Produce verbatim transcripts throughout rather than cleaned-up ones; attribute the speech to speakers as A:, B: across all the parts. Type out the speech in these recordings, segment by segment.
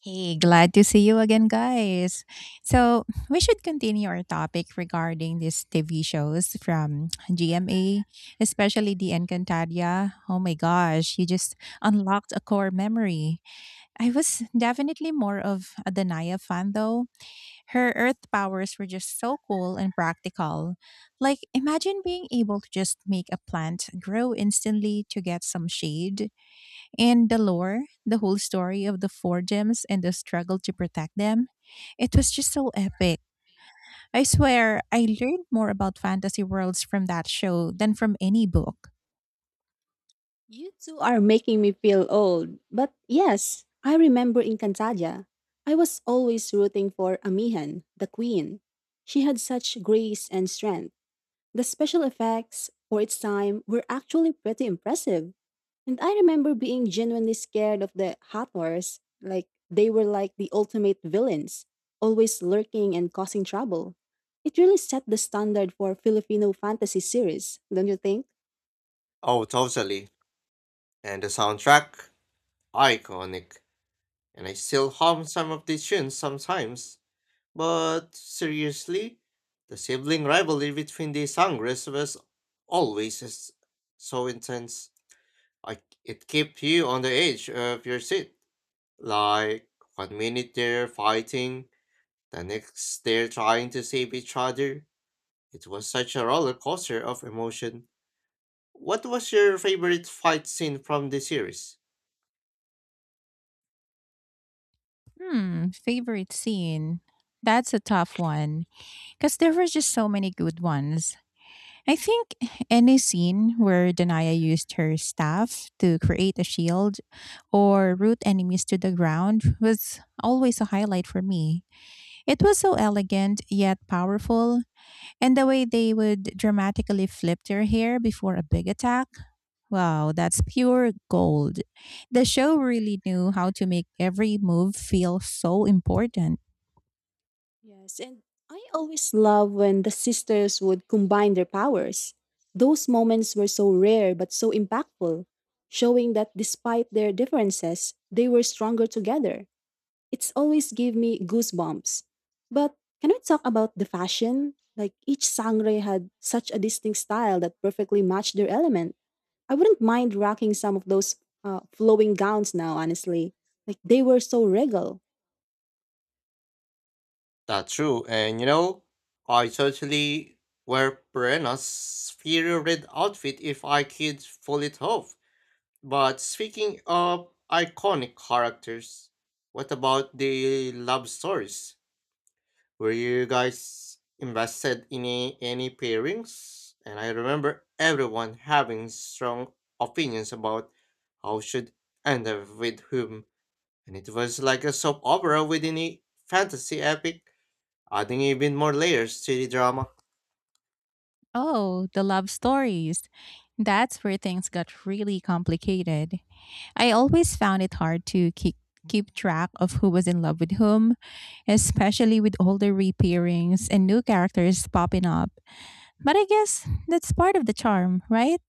A: Hey, glad to see you again, guys. So, we should continue our topic regarding these T V shows from G M A, especially the Encantadia. Oh my gosh, you just unlocked a core memory. I was definitely more of a Danaya fan, though. Her earth powers were just so cool and practical. Like, imagine being able to just make a plant grow instantly to get some shade, and the lore, the whole story of the four gems and the struggle to protect them, it was just so epic. I swear, I learned more about fantasy worlds from that show than from any book.
B: You two are making me feel old. But yes, I remember in Cantadia. I was always rooting for Amihan, the queen. She had such grace and strength. The special effects for its time were actually pretty impressive. And I remember being genuinely scared of the Hathors. Like, they were like the ultimate villains, always lurking and causing trouble. It really set the standard for Filipino fantasy series, don't you think?
C: Oh, totally. And the soundtrack? Iconic. And I still hum some of the tunes sometimes. But seriously, the sibling rivalry between the Sangres was always s- so intense. Like, it kept you on the edge of your seat. Like, one minute they're fighting, the next they're trying to save each other. It was such a roller coaster of emotion. What was your favorite fight scene from the series?
A: Hmm, favorite scene. That's a tough one because there were just so many good ones. I think any scene where Danaya used her staff to create a shield or root enemies to the ground was always a highlight for me. It was so elegant yet powerful, and the way they would dramatically flip their hair before a big attack. Wow, that's pure gold. The show really knew how to make every move feel so important.
B: Yes, and I always love when the sisters would combine their powers. Those moments were so rare but so impactful, showing that despite their differences, they were stronger together. It's always give me goosebumps. But can we talk about the fashion? Like each sangre had such a distinct style that perfectly matched their element. I wouldn't mind rocking some of those uh, flowing gowns now, honestly. Like they were so regal.
C: That's true, and you know, I totally wear Perenna's fiery red outfit if I could pull it off. But speaking of iconic characters, what about the love stories? Were you guys invested in a- any pairings? And I remember everyone having strong opinions about how should end up with whom, and it was like a soap opera within a fantasy epic adding even more layers to the drama.
A: Oh, the love stories. That's where things got really complicated. I always found it hard to keep keep track of who was in love with whom, especially with older repairings and new characters popping up. But I guess that's part of the charm, right?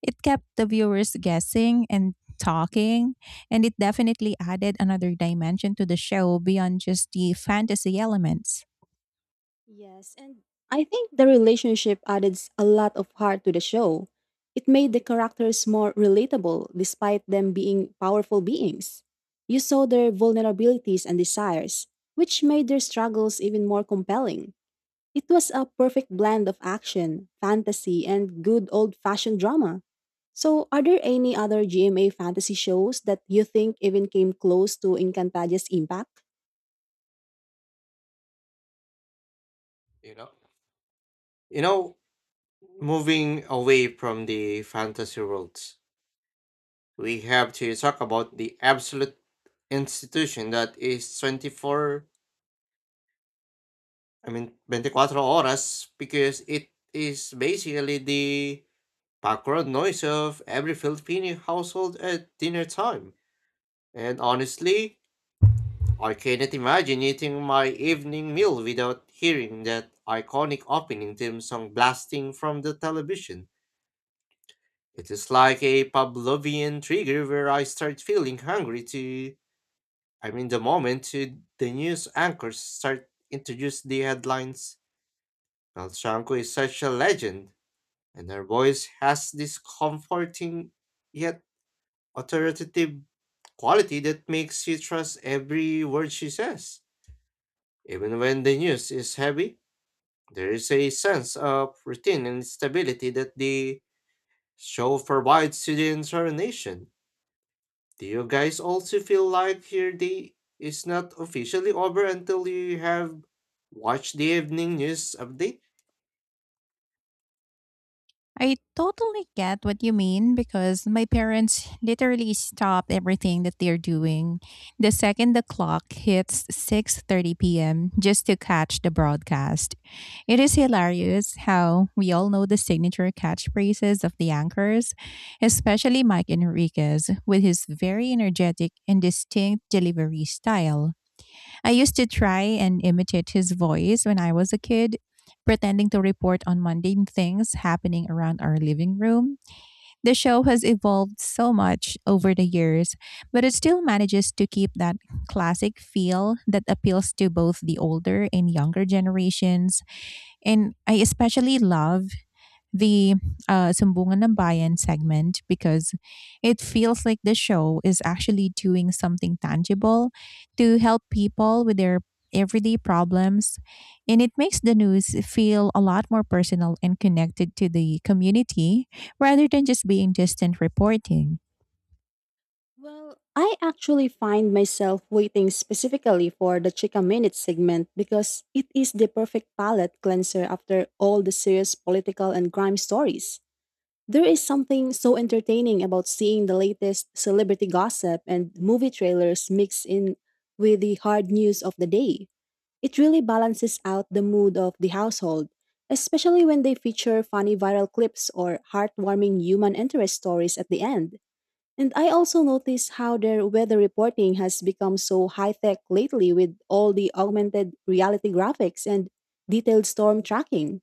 A: It kept the viewers guessing and talking, and it definitely added another dimension to the show beyond just the fantasy elements.
B: Yes, and I think the relationship added s- a lot of heart to the show. It made the characters more relatable despite them being powerful beings. You saw their vulnerabilities and desires, which made their struggles even more compelling. It was a perfect blend of action, fantasy, and good old fashioned drama. So, are there any other G M A fantasy shows that you think even came close to Encantaja's impact?
C: You know, you know, Moving away from the fantasy worlds, we have to talk about the absolute institution that is twenty four. I mean, twenty cuatro horas, because it is basically the background noise of every Filipino household at dinner time. And honestly, I cannot imagine eating my evening meal without hearing that iconic opening theme song blasting from the television. It is like a Pavlovian trigger where I start feeling hungry to, I mean, the moment to the news anchors start introduce the headlines. Melchanko is such a legend, and her voice has this comforting yet authoritative quality that makes you trust every word she says, even when the news is heavy. There is a sense of routine and stability that the show provides to the entire nation. Do you guys also feel like your day is not officially over until you have watched the evening news update?
A: I totally get what you mean because my parents literally stop everything that they're doing the second the clock hits six thirty p m just to catch the broadcast. It is hilarious how we all know the signature catchphrases of the anchors, especially Mike Enriquez with his very energetic and distinct delivery style. I used to try and imitate his voice when I was a kid, pretending to report on mundane things happening around our living room. The show has evolved so much over the years, but it still manages to keep that classic feel that appeals to both the older and younger generations. And I especially love the uh, Sumbungan ng Bayan segment because it feels like the show is actually doing something tangible to help people with their everyday problems. And it makes the news feel a lot more personal and connected to the community rather than just being distant reporting.
B: Well, I actually find myself waiting specifically for the Chica Minute segment because it is the perfect palate cleanser after all the serious political and crime stories. There is something so entertaining about seeing the latest celebrity gossip and movie trailers mixed in with the hard news of the day. It really balances out the mood of the household, especially when they feature funny viral clips or heartwarming human interest stories at the end. And I also notice how their weather reporting has become so high tech lately with all the augmented reality graphics and detailed storm tracking.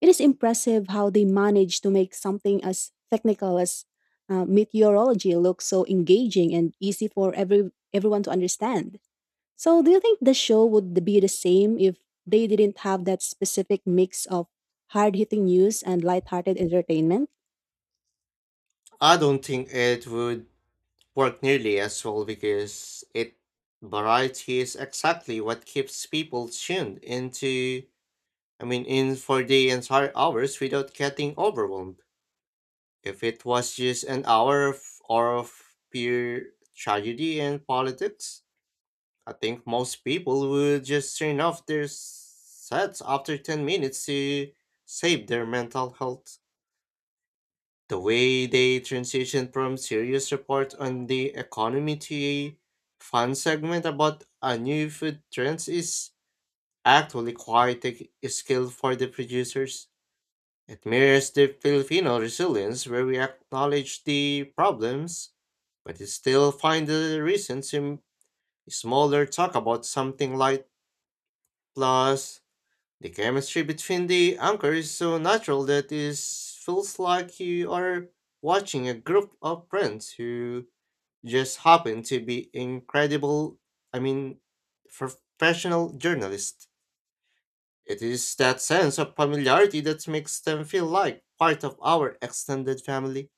B: It is impressive how they manage to make something as technical as uh, meteorology look so engaging and easy for every everyone to understand. So, do you think the show would be the same if they didn't have that specific mix of hard-hitting news and light-hearted entertainment?
C: I don't think it would work nearly as well because it variety is exactly what keeps people tuned into I mean in for the entire hours without getting overwhelmed. If it was just an hour of, or of pure tragedy and politics, I think most people would just turn off their s- sets after ten minutes to save their mental health. The way they transitioned from serious report on the economy to a fun segment about a new food trends is actually quite a skill for the producers. It mirrors the Filipino resilience where we acknowledge the problems, but it still find the reason to smaller talk about something light. plus the chemistry between the anchors is so natural that it feels like you are watching a group of friends who just happen to be incredible I mean professional journalists. It is that sense of familiarity that makes them feel like part of our extended family.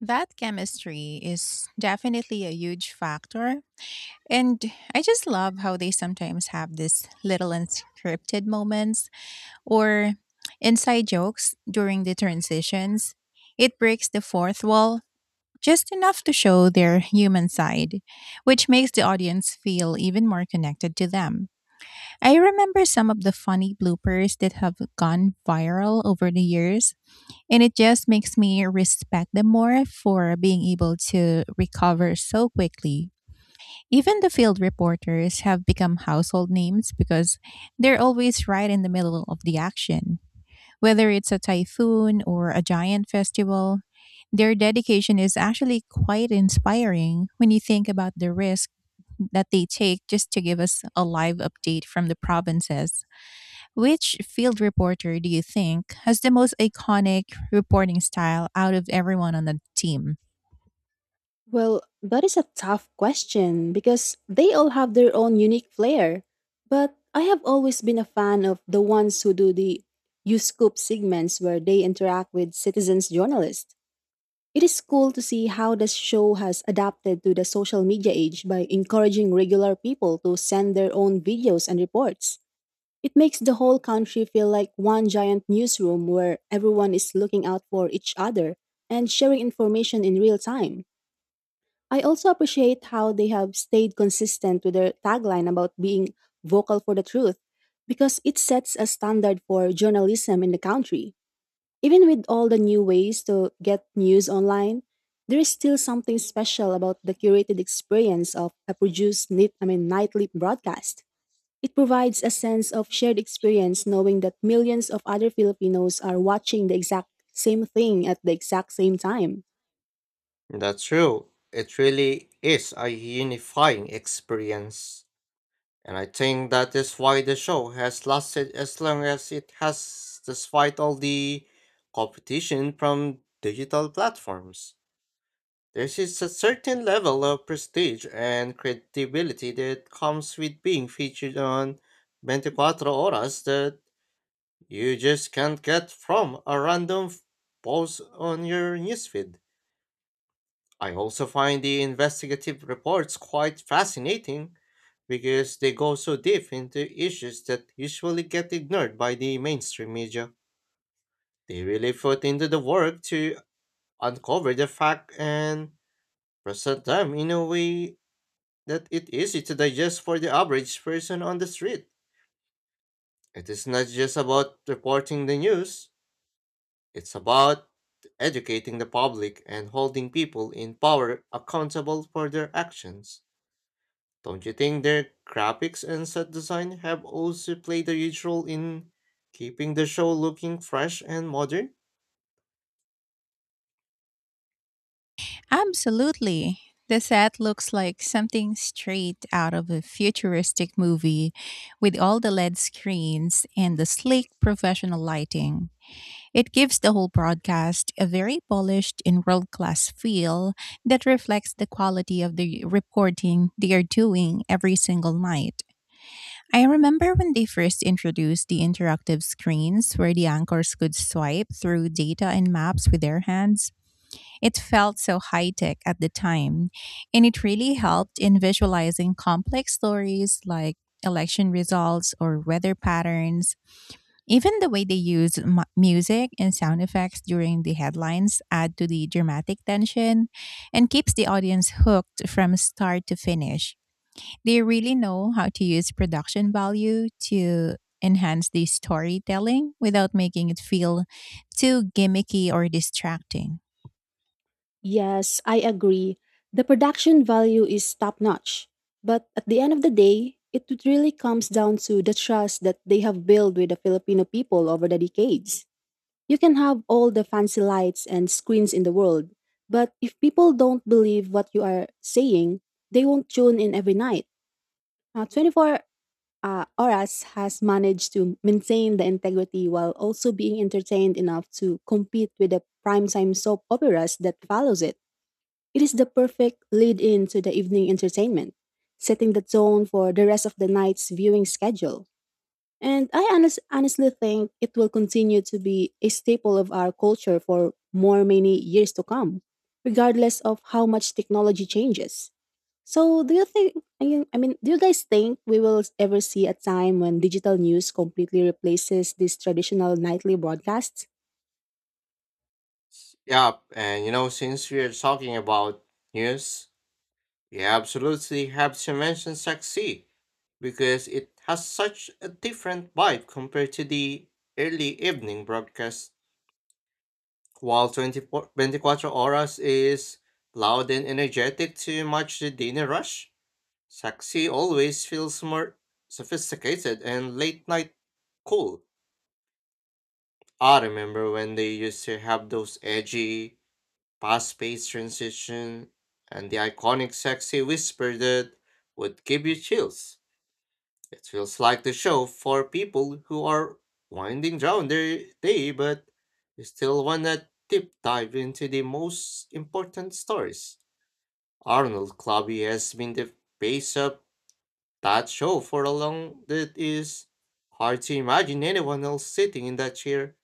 A: That chemistry is definitely a huge factor. And I just love how they sometimes have these little unscripted moments or inside jokes during the transitions. It breaks the fourth wall just enough to show their human side, which makes the audience feel even more connected to them. I remember some of the funny bloopers that have gone viral over the years, and it just makes me respect them more for being able to recover so quickly. Even the field reporters have become household names because they're always right in the middle of the action. Whether it's a typhoon or a giant festival, their dedication is actually quite inspiring when you think about the risk that they take just to give us a live update from the provinces. Which field reporter do you think has the most iconic reporting style out of everyone on the team?
B: Well, that is a tough question because they all have their own unique flair. But I have always been a fan of the ones who do the you scoop segments where they interact with citizens journalists. It is cool to see how the show has adapted to the social media age by encouraging regular people to send their own videos and reports. It makes the whole country feel like one giant newsroom where everyone is looking out for each other and sharing information in real time. I also appreciate how they have stayed consistent with their tagline about being vocal for the truth because it sets a standard for journalism in the country. Even with all the new ways to get news online, there is still something special about the curated experience of a produced nit- I mean, nightly broadcast. It provides a sense of shared experience knowing that millions of other Filipinos are watching the exact same thing at the exact same time.
C: That's true. It really is a unifying experience. And I think that is why the show has lasted as long as it has, despite all the competition from digital platforms. There is a certain level of prestige and credibility that comes with being featured on twenty-four Horas that you just can't get from a random f- post on your newsfeed. I also find the investigative reports quite fascinating because they go so deep into issues that usually get ignored by the mainstream media. They really put into the work to uncover the fact and present them in a way that it's easy to digest for the average person on the street. It is not just about reporting the news. It's about educating the public and holding people in power accountable for their actions. Don't you think their graphics and set design have also played a huge role in keeping the show looking fresh and modern?
A: Absolutely. The set looks like something straight out of a futuristic movie with all the L E D screens and the sleek professional lighting. It gives the whole broadcast a very polished and world class feel that reflects the quality of the reporting they are doing every single night. I remember when they first introduced the interactive screens where the anchors could swipe through data and maps with their hands. It felt so high tech at the time, and it really helped in visualizing complex stories like election results or weather patterns. Even the way they use mu- music and sound effects during the headlines add to the dramatic tension and keeps the audience hooked from start to finish. They really know how to use production value to enhance the storytelling without making it feel too gimmicky or distracting.
B: Yes, I agree. The production value is top notch. But at the end of the day, it really comes down to the trust that they have built with the Filipino people over the decades. You can have all the fancy lights and screens in the world, but if people don't believe what you are saying, they won't tune in every night. Uh, twenty four uh, Horas has managed to maintain the integrity while also being entertained enough to compete with the primetime soap operas that follows it. It is the perfect lead-in to the evening entertainment, setting the tone for the rest of the night's viewing schedule. And I honest, honestly think it will continue to be a staple of our culture for more many years to come, regardless of how much technology changes. So, do you think, I mean, I mean, do you guys think we will ever see a time when digital news completely replaces these traditional nightly broadcasts?
C: Yeah, and you know, since we are talking about news, we absolutely have to mention Saxi because it has such a different vibe compared to the early evening broadcasts. While 24 24 Horas is loud and energetic to match the dinner rush, Saxi always feels more sophisticated and late night cool. I remember when they used to have those edgy, fast paced transition and the iconic sexy whisper that would give you chills. It feels like the show for people who are winding down their day but still want to deep dive into the most important stories. Arnold Clabby has been the face of that show for a long that is hard to imagine anyone else sitting in that chair.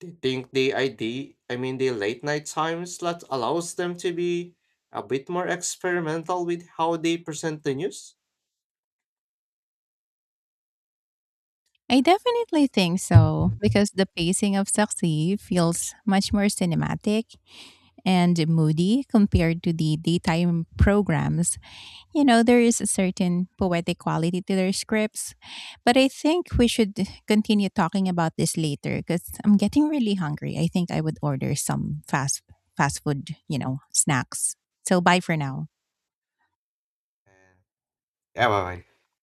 C: They think the idea I mean the late night time slot allows them to be a bit more experimental with how they present the news.
A: I definitely think so because the pacing of Saksi feels much more cinematic and moody compared to the daytime programs. You know, there is a certain poetic quality to their scripts, but I think we should continue talking about this later because I'm getting really hungry. I think I would order some fast fast food, you know, snacks. So bye for now.
C: Yeah, bye bye.